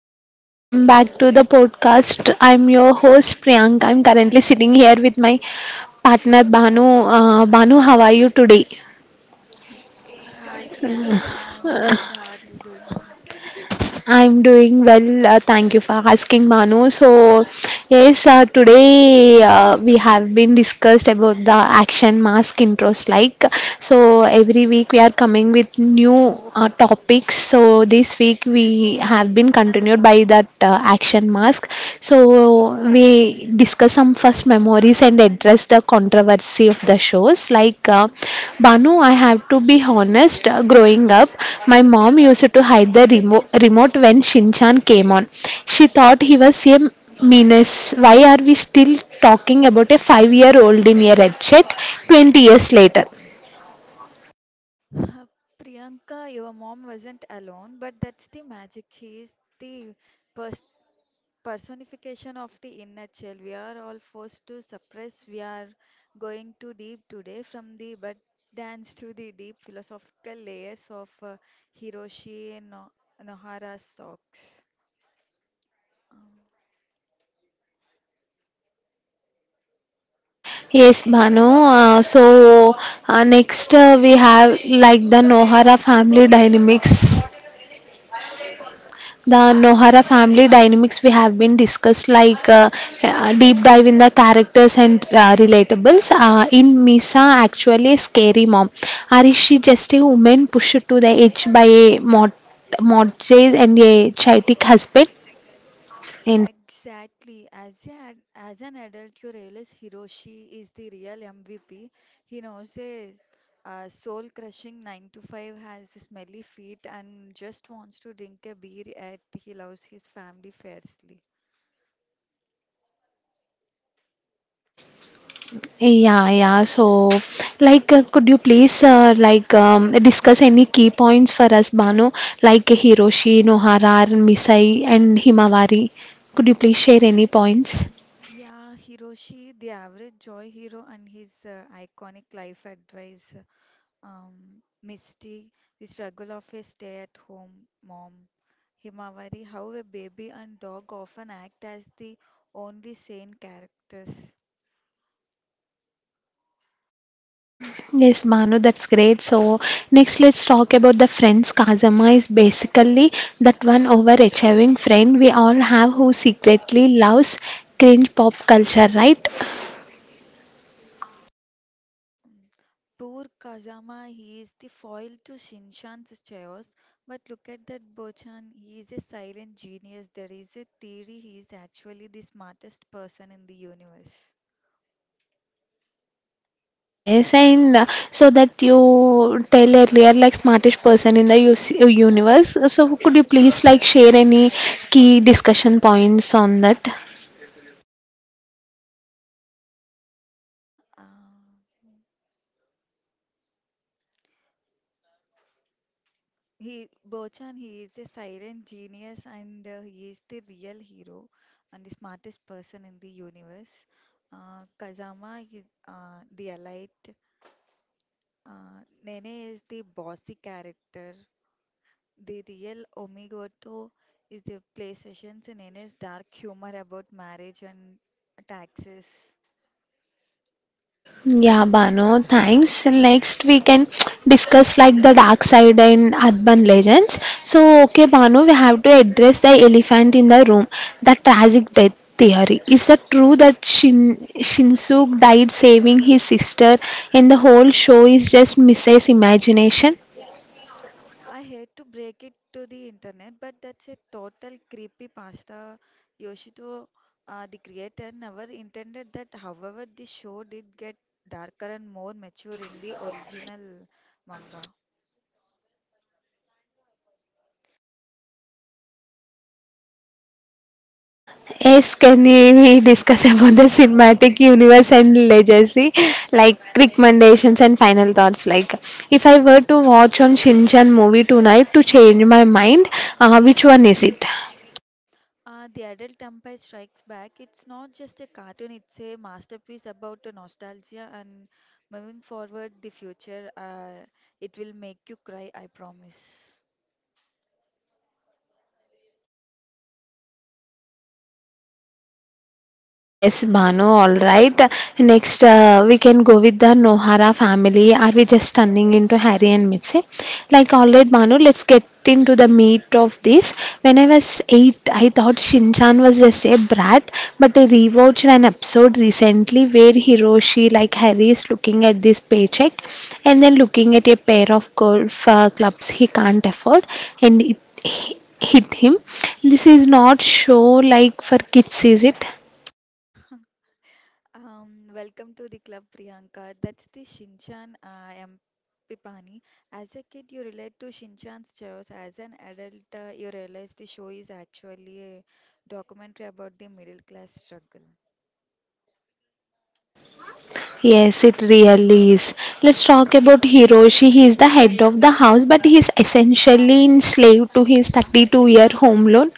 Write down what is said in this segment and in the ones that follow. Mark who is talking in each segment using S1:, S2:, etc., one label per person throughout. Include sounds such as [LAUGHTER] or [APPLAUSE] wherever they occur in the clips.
S1: everyone, welcome back to the podcast. I'm your host Priyank. I'm currently sitting here with my partner Banu. Banu, how are you today?
S2: Hey, hi Priyanka, I'm good. How are you doing?
S1: I'm doing well. Thank you for asking, Banu. So, yes, today we have been discussed about the action mask intros. Like, so every week we are coming with new topics. So this week we have been continued by that action mask. So we discuss some first memories and address the controversy of the shows. Like, Banu, I have to be honest, growing up, my mom used to hide the remote when Shinchan came on. She thought he was a menace. Why are we still talking about a 5-year old in a red shirt 20 years later?
S2: [LAUGHS] Priyanka, your mom wasn't alone, but that's the magic. He is the pers personification of the inner child we are all forced to suppress. We are going too deep today, from the bud dance to the deep philosophical layers of Hiroshi No Nohara's socks. Um,
S1: Yes, Bhanu. So next, we have like the Nohara family dynamics. The Nohara family dynamics we have been discussed, like deep dive in the characters and relatables. In Misa, actually, a scary mom. Or is she just a woman pushed to the edge by a mortgage and a chaotic husband? And
S2: Exactly. As an adult, you realize Hiroshi is the real MVP. He knows a soul-crushing 9 to 5, has smelly feet, and just wants to drink a beer, yet he loves his family fiercely.
S1: yeah, yeah. So, could you please discuss any key points for us, Bano? Like Hiroshi, Nohara, Misai, and Himawari. Could you please share any points?
S2: Yeah, Hiroshi, the average joy hero and his iconic life advice. Misty, the struggle of a stay-at-home mom. Himawari, how a baby and dog often act as the only sane characters.
S1: Yes, Manu, that's great. So, next, let's talk about the friends. Kazama is basically that one overachieving friend we all have who secretly loves cringe pop culture, right?
S2: Poor Kazama, he is the foil to Shinshan's chaos, but look at that Bochan, he is a silent genius. There is a theory he is actually the smartest person in the universe.
S1: Yes, and so that you tell earlier, like smartest person in the UC universe. So, could you please like share any key discussion points on that?
S2: Uh, He Bochan, he is a silent genius, and he is the real hero and the smartest person in the universe. Kazama is the elite. Uh, Nene is the bossy character. The real Omigoto is the play sessions and Nene's dark humor about marriage and taxes.
S1: Yeah, Bano, thanks. Next we can discuss like the dark side and urban legends. So, okay, Bano, we have to address the elephant in the room, the tragic death theory. Is it true that Shin Shinsuke died saving his sister and the whole show is just Mrs. Imagination?
S2: I hate to break it to the internet, but that's a total creepy pasta. Yoshito, the creator, never intended that. However, the show did get darker and more mature in the original manga.
S1: Yes, can we discuss about the cinematic universe and legacy, like recommendations and final thoughts? Like, if I were to watch on Shinchan movie tonight to change my mind, which one is it?
S2: The adult empire strikes back. It's not just a cartoon; it's a masterpiece about the nostalgia and moving forward the future. It will make you cry, I promise.
S1: Yes, Banu, all right. Next, we can go with the Nohara family. Are we just turning into Harry and Mitzi? Like, all right, Banu, let's get into the meat of this. When I was eight, I thought Shinchan was just a brat, but I rewatched an episode recently where Hiroshi, like Harry, is looking at this paycheck and then looking at a pair of golf clubs he can't afford, and it hit him. This is not show like for kids, is it?
S2: Welcome to the club, Priyanka. That's the Shinchan. I am Pipani. As a kid, you relate to Shinchan's shows. As an adult, you realize the show is actually a documentary about the middle class struggle.
S1: Yes, it really is. Let's talk about Hiroshi. He is the head of the house, but he is essentially enslaved to his 32-year home loan.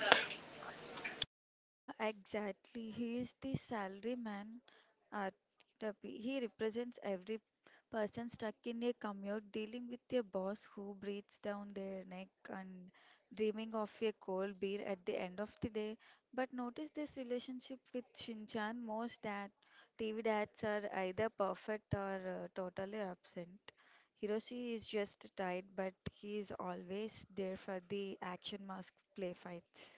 S2: Exactly. He is the salary man at he represents every person stuck in a commute, dealing with a boss who breathes down their neck and dreaming of a cold beer at the end of the day. But notice this relationship with Shinchan most, that TV dads are either perfect or totally absent. Hiroshi is just tired, but he is always there for the action mask play fights.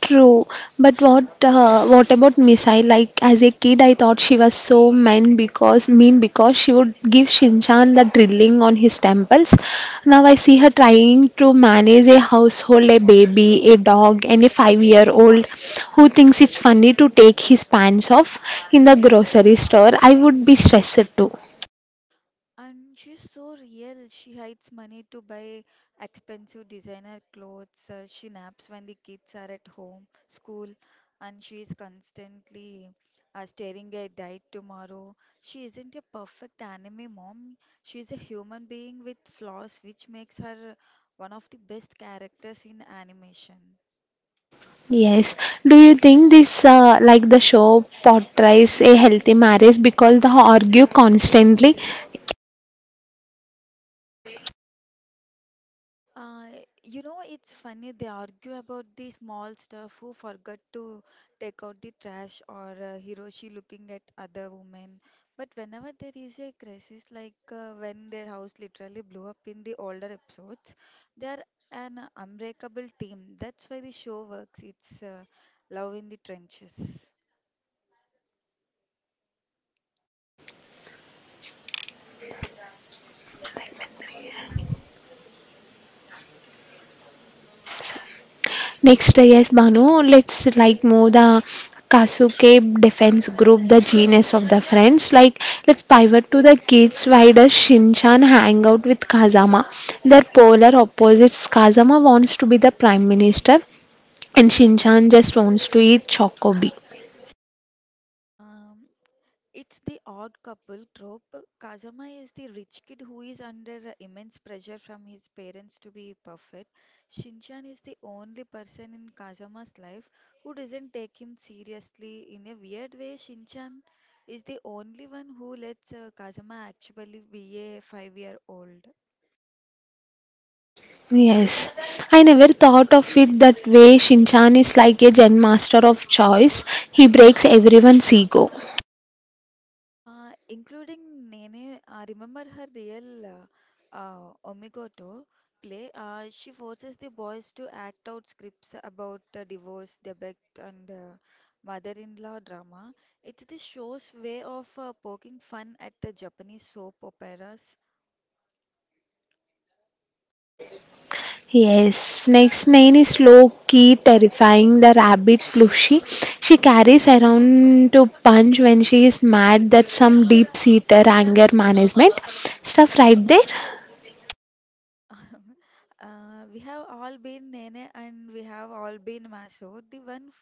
S1: True, but what about Misai? Like as a kid, I thought she was so mean because she would give Shinchan the drilling on his temples. Now I see her trying to manage a household, a baby, a dog, and a five-year-old who thinks it's funny to take his pants off in the grocery store. I would be stressed too.
S2: And she's so real. She hides money to buy expensive designer clothes. She naps when the kids are at home, school, and she is constantly staring at diet tomorrow. She isn't a perfect anime mom. She is a human being with flaws, which makes her one of the best characters in animation.
S1: Yes. Do you think this, the show, portrays a healthy marriage because they argue constantly?
S2: Uh, you know, it's funny, they argue about the small stuff, who forgot to take out the trash, or Hiroshi looking at other women. But whenever there is a crisis, like when their house literally blew up in the older episodes, they are an unbreakable team. That's why the show works. It's love in the trenches.
S1: Next, yes, Banu, let's like move the Kasuke defense group, the genius of the friends. Like, let's pivot to the kids. Why does Shinchan hang out with Kazama? They're polar opposites. Kazama wants to be the prime minister, and Shinchan just wants to eat chocobi.
S2: Um, It's the odd couple trope. Kazama is the rich kid who is under immense pressure from his parents to be perfect. Shinchan is the only person in Kazama's life who doesn't take him seriously. In a weird way, Shinchan is the only one who lets Kazama actually be a 5 year old.
S1: Yes, I never thought of it that way. Shinchan is like a gen master of choice. He breaks everyone's ego.
S2: Including Nene, remember her real Omigoto play. She forces the boys to act out scripts about divorce, debate, and mother-in-law drama. It's the show's way of poking fun at the Japanese soap operas.
S1: Yes, Snake's name is low key terrifying. The rabbit plushie she carries around to punch when she is mad. That's some deep seated anger management stuff right there.
S2: [LAUGHS] We have all been Nene, and we have all been Maso, the one f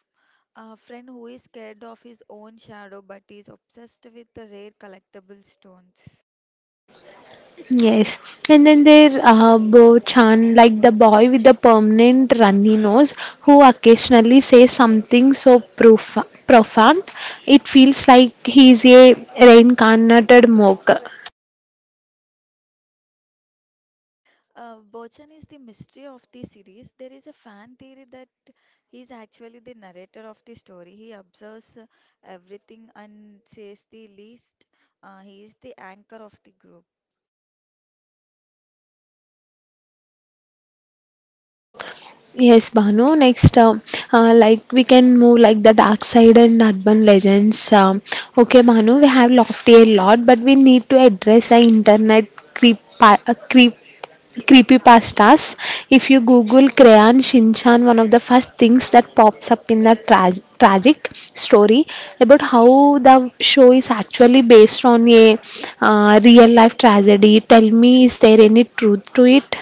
S2: friend who is scared of his own shadow but is obsessed with the rare collectible stones.
S1: Yes, and then there Bo Chan, like the boy with the permanent runny nose, who occasionally says something so profound it feels like he's a reincarnated mock.
S2: Bochan is the mystery of the series. There is a fan theory that he is actually the narrator of the story. He observes everything and says the least. He is the anchor of the group.
S1: Yes, Bhanu. Next, we can move like the dark side and urban legends. Okay, Bhanu, we have lofty a lot, but we need to address the internet creep, uh, creep creepy pastas. If you Google Crayon Shinchan, one of the first things that pops up in the tragic story about how the show is actually based on a
S2: Mm.
S1: real life tragedy. Tell me, is there any truth to it?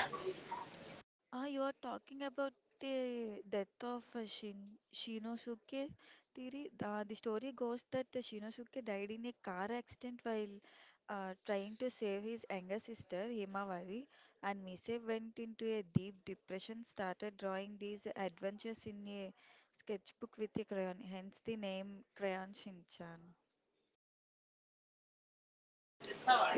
S2: Ah, you are talking about the death of Shinosuke theory. The story goes that Shinosuke died in a car accident while trying to save his younger sister Himawari, and Mise went into a deep depression, started drawing these adventures in a sketchbook with a crayon, hence the name Crayon Shinchan.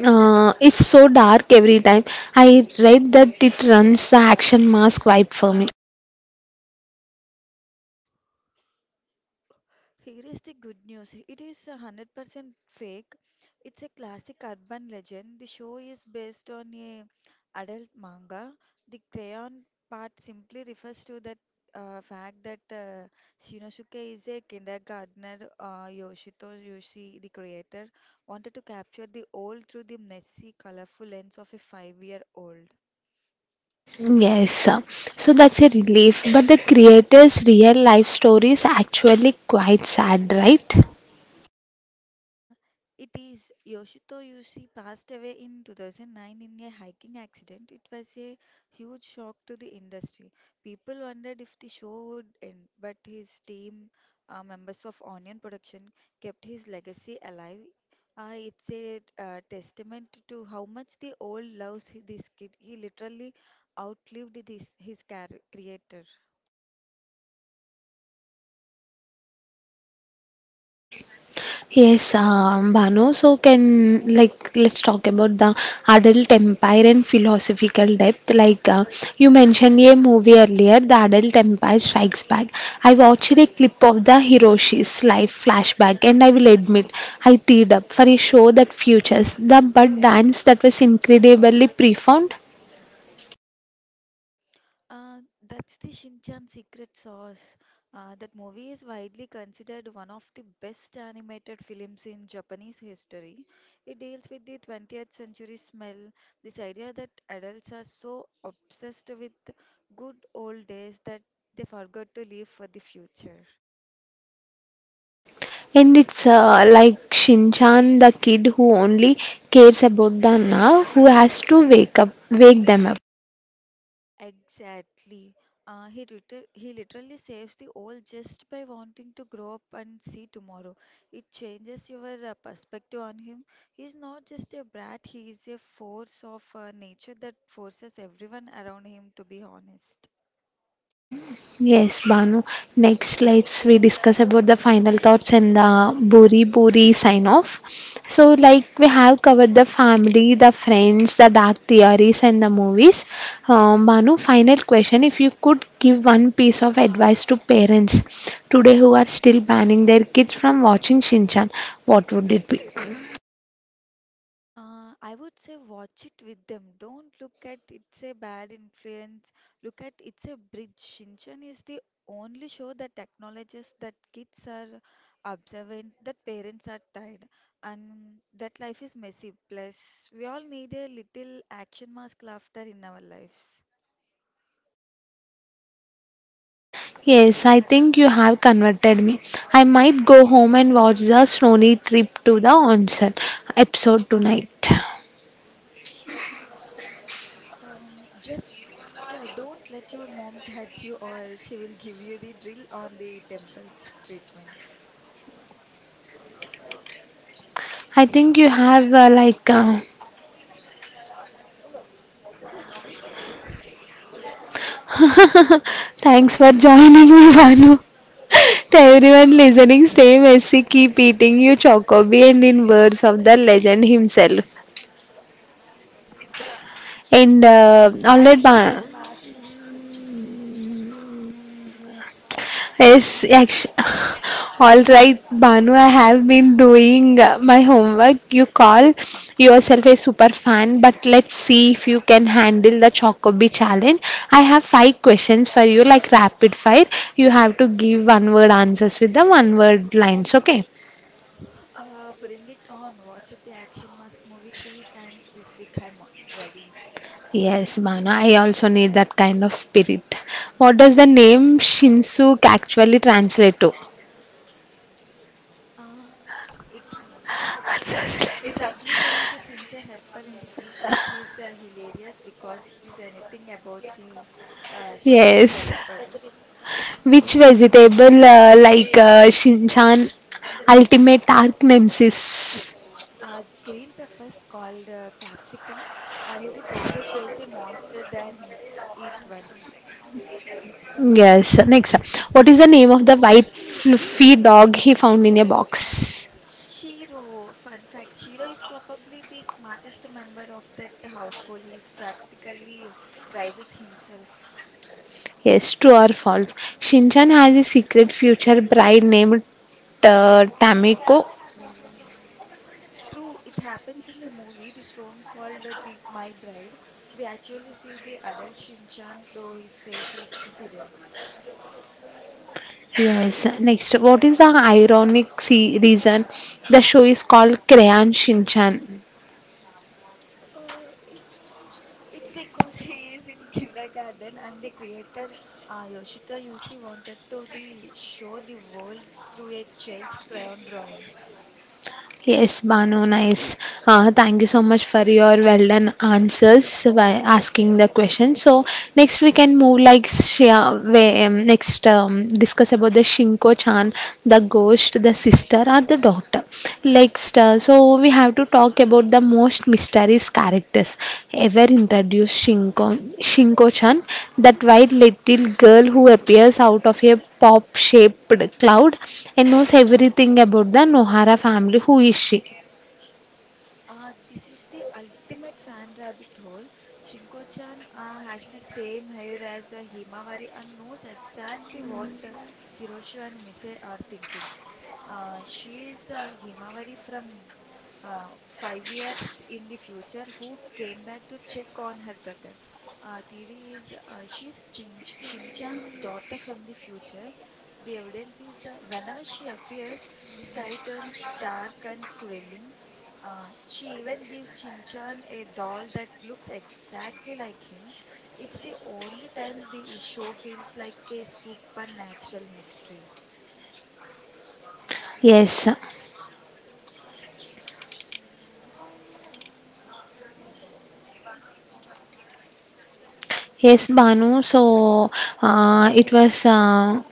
S1: It's so dark every time. I read that it runs the action mask vibe for me.
S2: Here is the good news: it is 100% fake. It's a classic urban legend. The show is based on a adult manga. The crayon part simply refers to that fact that Shinosuke is a kindergartner. Yoshito Yoshi, the creator, wanted to capture the old through the messy, colorful lens of a five-year-old.
S1: Yes, so that's a relief. But the creator's real life story is actually quite sad, right?
S2: Uh, it is, Yoshito Yushi passed away in 2009 in a hiking accident. It was a huge shock to the industry. People wondered if the show would end, but his team, members of Onion Production, kept his legacy alive. It's a testament to how much the old loves this kid. He literally outlived creator.
S1: Yes, Bhanu. So can like let's talk about the adult empire and philosophical depth. You mentioned a movie earlier, The Adult Empire Strikes Back. I watched a clip of the Hiroshi's life flashback, and I will admit I teared up for a show that features the bud dance that was incredibly profound.
S2: Uh, that's the Shinchan secret sauce. That movie is widely considered one of the best animated films in Japanese history. It deals with the 20th century smell, this idea that adults are so obsessed with good old days that they forgot to live for the future.
S1: And it's like Shinchan, the kid who only cares about the now, who has to wake up, wake them up.
S2: Exactly. He literally saves the old just by wanting to grow up and see tomorrow. It changes your perspective on him. He's not just a brat, he is a force of nature that forces everyone around him to be honest.
S1: Yes, Banu. Next, let's we discuss about the final thoughts and the Buri Buri sign off. So, like we have covered the family, the friends, the dark theories, and the movies. Banu, final question: if you could give one piece of advice to parents today who are still banning their kids from watching Shinchan, what would it be?
S2: I would say watch it with them. Don't look at it's a bad influence. Look at it's a bridge. Shinchan is the only show that acknowledges that kids are observant, that parents are tired, and that life is messy. Plus, we all need a little action mask laughter in our lives.
S1: Yes, I think you have converted me. I might go home and watch the Snowy Trip to the Onsen episode tonight.
S2: Just don't let your mom [LAUGHS] catch you, or she will give you the drill on the temples treatment.
S1: I think you have [LAUGHS] thanks for joining me, Vanu. [LAUGHS] To everyone listening, stay messy, keep eating your chocobi, and in words of the legend himself. And all that.
S2: Action mask. [LAUGHS]
S1: Yes, actually, [LAUGHS] all right, Banu. I have been doing my homework. You call yourself a super fan, but let's see if you can handle the Chocobi challenge. I have five questions for you, like rapid fire. You have to give one word answers with the one word lines, okay?
S2: Bring it on. Watch it, the Action Mask movie three times this week. I'm ready.
S1: Yes, Banu, I also need that kind of spirit. What does the name Shinsuke actually translate to?
S2: Uh, it
S1: [LAUGHS]
S2: it
S1: Answers
S2: roughly means a sincere helper in the fields,
S1: like-
S2: which is hilarious because he's anything about a sincere
S1: Yes.
S2: helper.
S1: Which vegetable, Shinchan, ultimate dark nemesis?
S2: Green peppers, called capsicum. He would rather face a monster than eat one.
S1: Yes. Next. What is the name of the white fluffy dog he found in a box?
S2: Shiro, fun fact, Shiro is probably the smartest member of that household. He is practically rises himself.
S1: Yes, true or false? Shinchan has a secret future bride named Tamiko.
S2: Uh, True, it happens in the movie, the storm called the My Bride. We actually see the adult Shinchan, though his face is hidden.
S1: Yes. Next, what is the ironic reason the show is called Crayon Shinchan?
S2: Uh, it's it's because he is in kindergarten and the creator, Yoshito Yusi, wanted to the show the world through a child's crayon drawings.
S1: Yes, Bano, nice. Thank you so much for your well done answers by asking the question. So next we can move like Shreya, where, next discuss about the Shinko-chan, the ghost, the sister, or the doctor. So we have to talk about the most mysterious characters ever introduced Shinko, Shinko-chan, that white little girl who appears out of a pop-shaped cloud and knows everything about the Nohara family. Who is she?
S2: This is the ultimate fan rabbit hole. Shinko-chan has the same hair as Himawari and knows exactly what Hiroshi and Mise are thinking. She is a Himawari from 5 years in the future who came back to check on her brother. Tiri is, she's Shinchan's daughter from the future. The evidence is, whenever she appears, the sky turns dark and swirling. She even gives Shinchan a doll that looks exactly like him. It's the only time the show feels like a supernatural mystery.
S1: Yes. Yes, Banu. So it was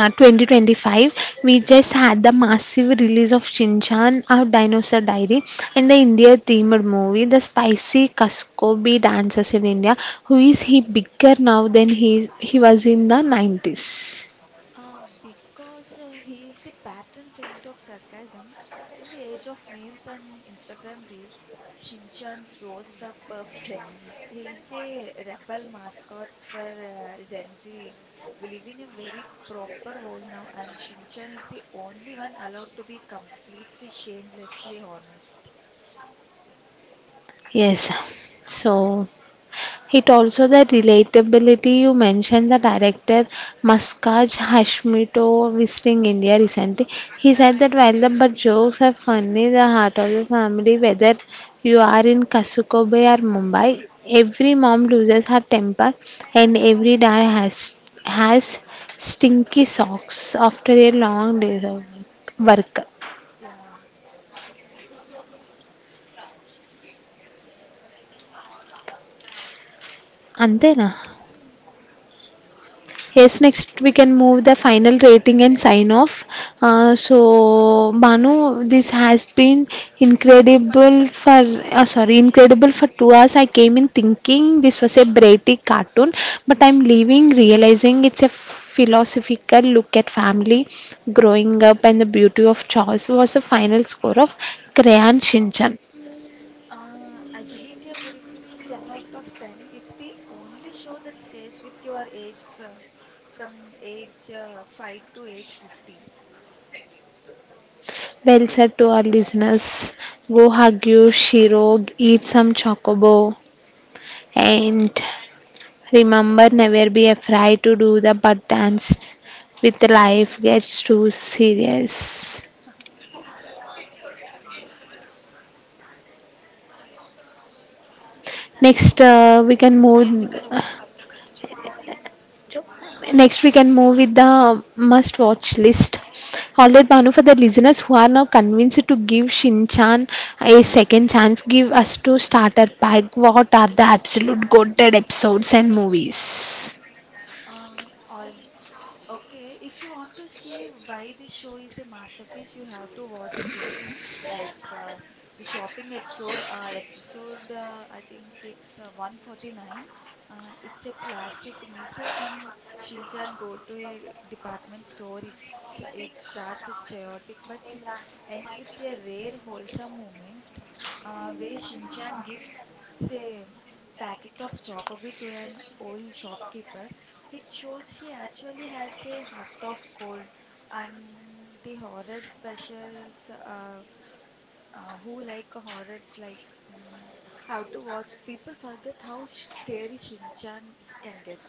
S1: 2025. We just had the massive release of Shinchan, our dinosaur diary, and the India themed movie, the spicy Kaskobi dances in India. Who is he bigger now than he was in the 90s?
S2: Because he is the patron saint of sarcasm. In the age of memes and Instagram reels, Shinchan's roasts are perfect. He is a rebel mascot for Gen Z. We live in a very proper world now, and Shinchan is the only one allowed to be completely shamelessly honest.
S1: Yes. So it also the relatability you mentioned the director Mustaj Hashmito visiting India recently. He said that while the but jokes are funny, the heart of the family, whether you are in Kasuko Bay or Mumbai, every mom loses her temper and every dad has stinky socks after a long day of work.
S2: Yeah.
S1: అంతేనా. Yes, next we can move the final rating and sign off. So Banu, this has been incredible for incredible for 2 hours. I came in thinking this was a Brady cartoon, but I'm leaving realizing it's a philosophical look at family, growing up, and the beauty of choice. Was a final score of Crayon Shinchan.
S2: I give it a very, very 10 out of 10. It's the only show that stays with your age from age 5 to age 50.
S1: Well said to our listeners. Go hug your Shiro, eat some chocobo, and remember, never be afraid to do the but dance with life gets too serious. Next, uh, we can move. Next, we can move with the must watch list. All right, Banu, for the listeners who are now convinced to give Shinchan a second chance, give us to starter pack. What are the absolute goated episodes and movies?
S2: All Okay, if you want to see why this show is a masterpiece, you have to watch these. Like uh, the shopping episode, episode I think it's 149. It's a classic. Mise and Shinchan go to a department store. It starts a chaotic, but it ends with a rare wholesome moment, where Shinchan gifts a packet of chocobi to an old shopkeeper. It shows he actually has a heart of gold. And the horror specials, who like horrors, like mm, how to watch people forget how scary Shinchan can get.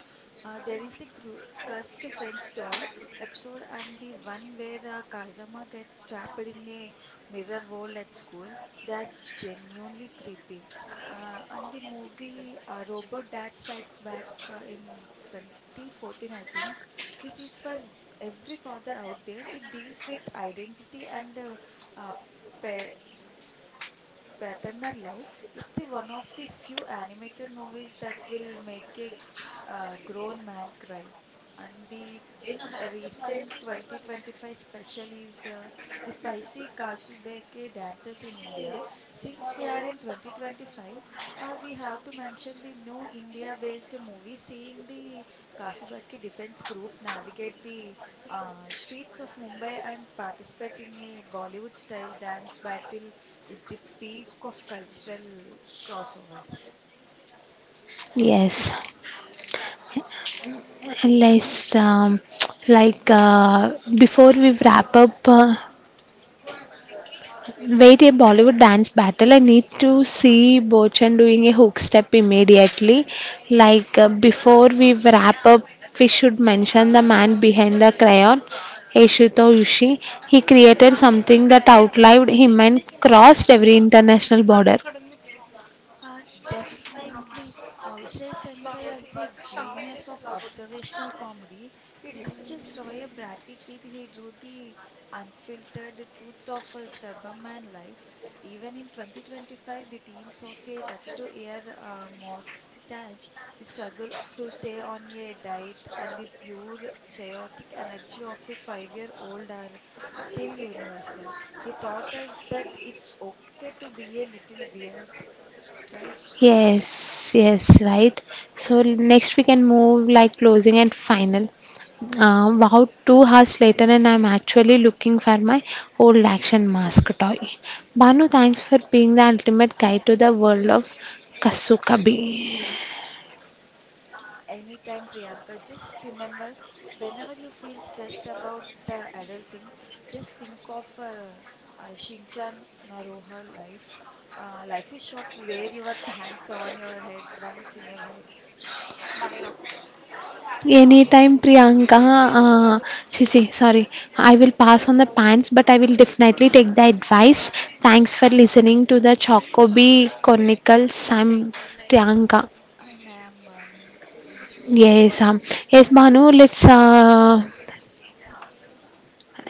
S2: There is the cru cursed French doll episode, and the one where Kazama gets trapped in a mirror wall at school. They are genuinely creepy. And the movie, Robo Dad Strikes Back, in 2014, I think. This is for every father out there. It deals with identity and uh, Paternal Love. It's the one of the few animated movies that will make a grown man cry. And the A recent 2025 special is the spicy Kasubeke dances in India. Since we are in 2025, we have to mention the new India-based movie seeing the Kasubeke Defense Group navigate the streets of Mumbai and participate in a Bollywood-style dance battle is the peak of cultural crossovers.
S1: Yes. Last, before we wrap up, wait a Bollywood dance battle. I need to see Bochan doing a hook step immediately. Before we wrap up, we should mention the man behind the crayon, Eshuto Ushi. He created something that outlived him and crossed every international border.
S2: Uh, Definitely, Aushay Sensei was a genius of observational comedy. He didn't just draw a bratty kid, he drew the unfiltered truth of a stubborn man life. Even in 2025, the themes of a 32-year mortgage, the struggle to stay on a diet, and the pure chaotic energy of a five-year-old are still universal. He taught us that it's okay to be a little weird, right?
S1: Yes, yes, right. So next we can move like closing and final. Wow, 2 hours later, and I'm actually looking for my old action mask toy. Banu, thanks for being the ultimate guide to the world of Kasukabi.
S2: Anytime, Priyanka. Just remember, whenever you feel stressed about adulting, just think of Shinchan Naroha life. Life is soft. Wear your pants on your head once in a while.
S1: Anytime, Priyanka. Uh, see, see, sorry. I will pass on the pants, but I will definitely take the advice. Thanks for listening to the Chocobi Chronicles. I'm Priyanka.
S2: And I am Vanu.
S1: Yes, um, yes, Banu, let's. Uh,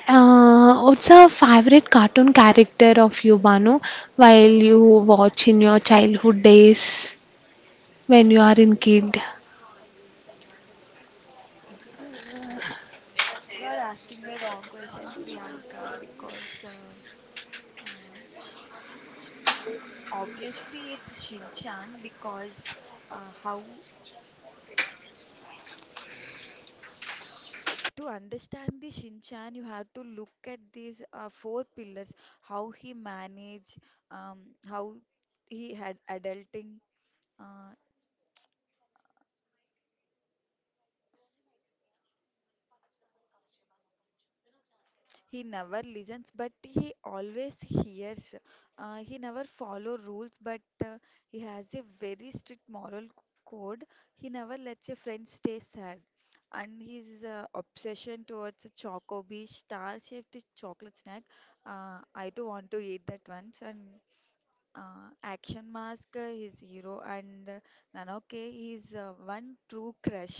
S1: uh, What's a favorite cartoon character of you, Banu, while you watch in your childhood days when you are
S2: Uh,
S1: in kid?
S2: y- you're asking the wrong question, Priyanka, because uh, obviously it's Shinchan because how to understand the Shinchan, you have to look at these four pillars: how he manage, um, how he had adulting. Uh, he never listens, but he always hears. He never follow rules, but he has a very strict code. He never lets a friend stay sad. And his obsession towards a Chocobi star-shaped chocolate snack. I too want to eat that once. And Action Mask his hero and Nanoke his one true crush.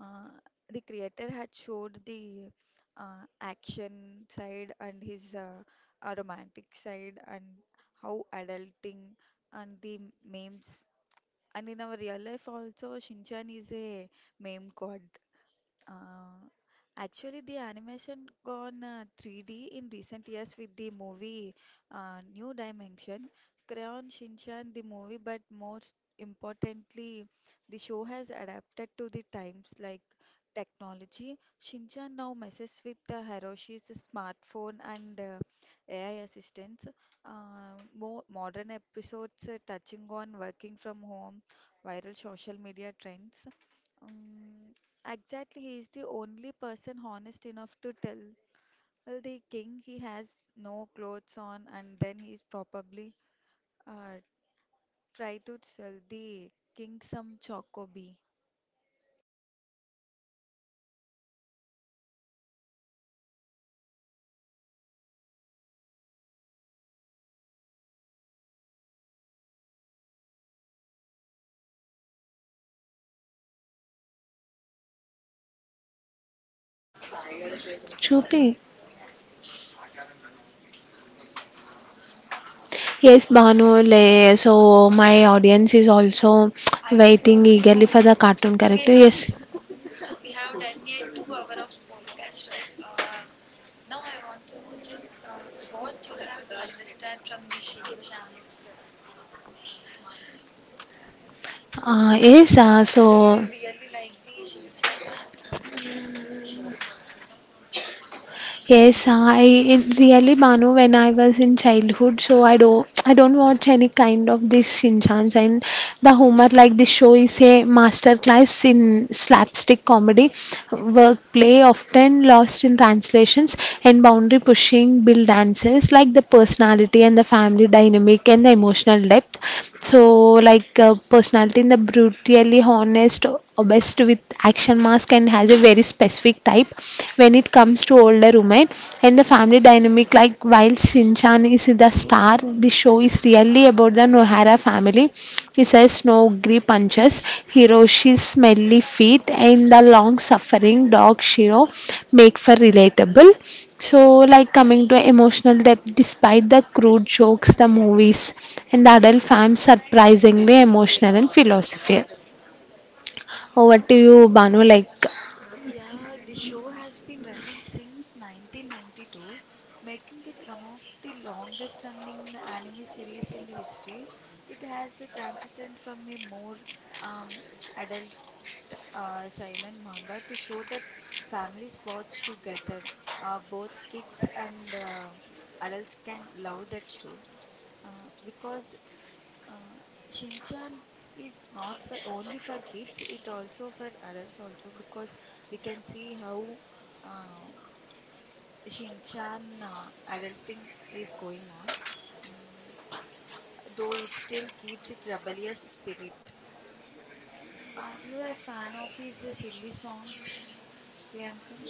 S2: Uh, the creator had showed the action side and his romantic side and how adulting and the memes. And in our real life also, Shinchan is a meme god. Uh, Actually, the animation gone 3D in recent years with the movie New Dimension, Crayon Shinchan, the movie, but most importantly, the show has adapted to the times like technology. Shinchan now messes with the Hiroshi's smartphone and AI assistants. More modern episodes touching on working from home, viral social media trends. Um, Exactly, he is the only person honest enough to tell the king he has no clothes on, and then he's probably uh, try to sell the king some chocobee.
S1: Chupi. Yes, Banu, le, so my audience is also
S2: To
S1: waiting
S2: want to
S1: eagerly
S2: know,
S1: for the cartoon
S2: we
S1: character.
S2: have d-
S1: Yes,
S2: we have done a 2 hour of podcast, right? Now I want to know just what you have understand from the Shinchan's manga.
S1: yes,
S2: Do you
S1: so.
S2: really like the Shinchan now, or
S1: Yes, I it really Banu when I was in childhood, so I don't watch any kind of this Shinchans and the humor. Like this show is a masterclass in slapstick comedy, work play often lost in translations and boundary pushing bill dances like the personality and the family dynamic and the emotional depth. So, personality in the brutally honest, obsessed with action mask and has a very specific type when it comes to older women and the family dynamic. Like while Shinchan is the star, the show is really about the Nohara family. Besides Snowgri punches, Hiroshi's smelly feet and the long suffering dog Shiro make for relatable. So, like coming to emotional depth, despite the crude jokes, the movies and the adult fans surprisingly emotional and philosophical. Over to you, Banu. Like,
S2: yeah, the show has been running since 1992, making it one of the longest running anime series in the history. It has a transition from a more um, adult seinen manga to show that families watch together. Both kids and adults can love that show because uh, Shinchan is not for only for kids, it also for adults also because we can see how um, Shinchan adulting is going on. Mm, though it still keeps its rebellious spirit. Are you a fan of his silly songs, Priyanka?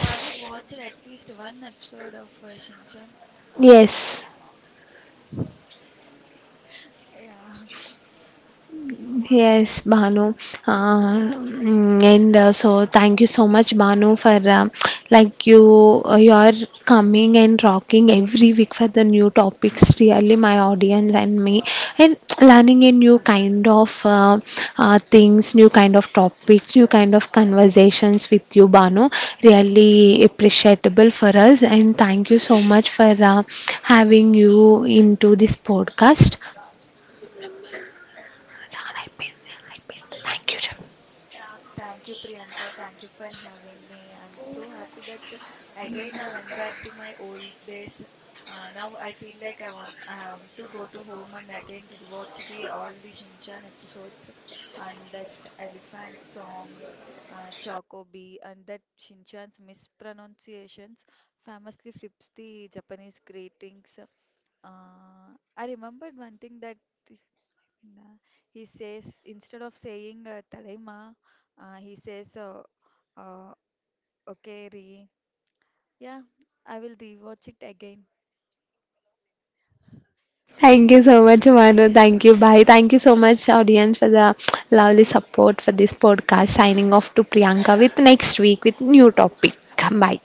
S2: Have you watched at least one episode of Shinchan?
S1: yes.
S2: Yeah.
S1: Yes, Bhanu. Mm, and So thank you so much, Bhanu, for like you you are coming and rocking every week for the new topics. Really, my audience and me, and learning a new kind of things, new kind of topics, new kind of conversations with you, Bhanu. Really appreciable for us, and thank you so much for having you into this podcast. Thank you.
S2: Thank you, Priyanka. Thank you for having me. I'm so happy that again I went back to my old days. Now I feel like I want to go to home and again rewatch the all the Shinchan episodes and that elephant song, Chocobi, and that Shinchan's mispronunciations famously flips the Japanese greetings. I remembered one thing that nah. He says, instead of saying Tadaima, he says, uh, okay, re. Yeah, I will rewatch it again.
S1: Thank you so much, Manu. Thank you. Bye. Thank you so much, audience, for the lovely support for this podcast. Signing off to Priyanka with next week with new topic. Bye.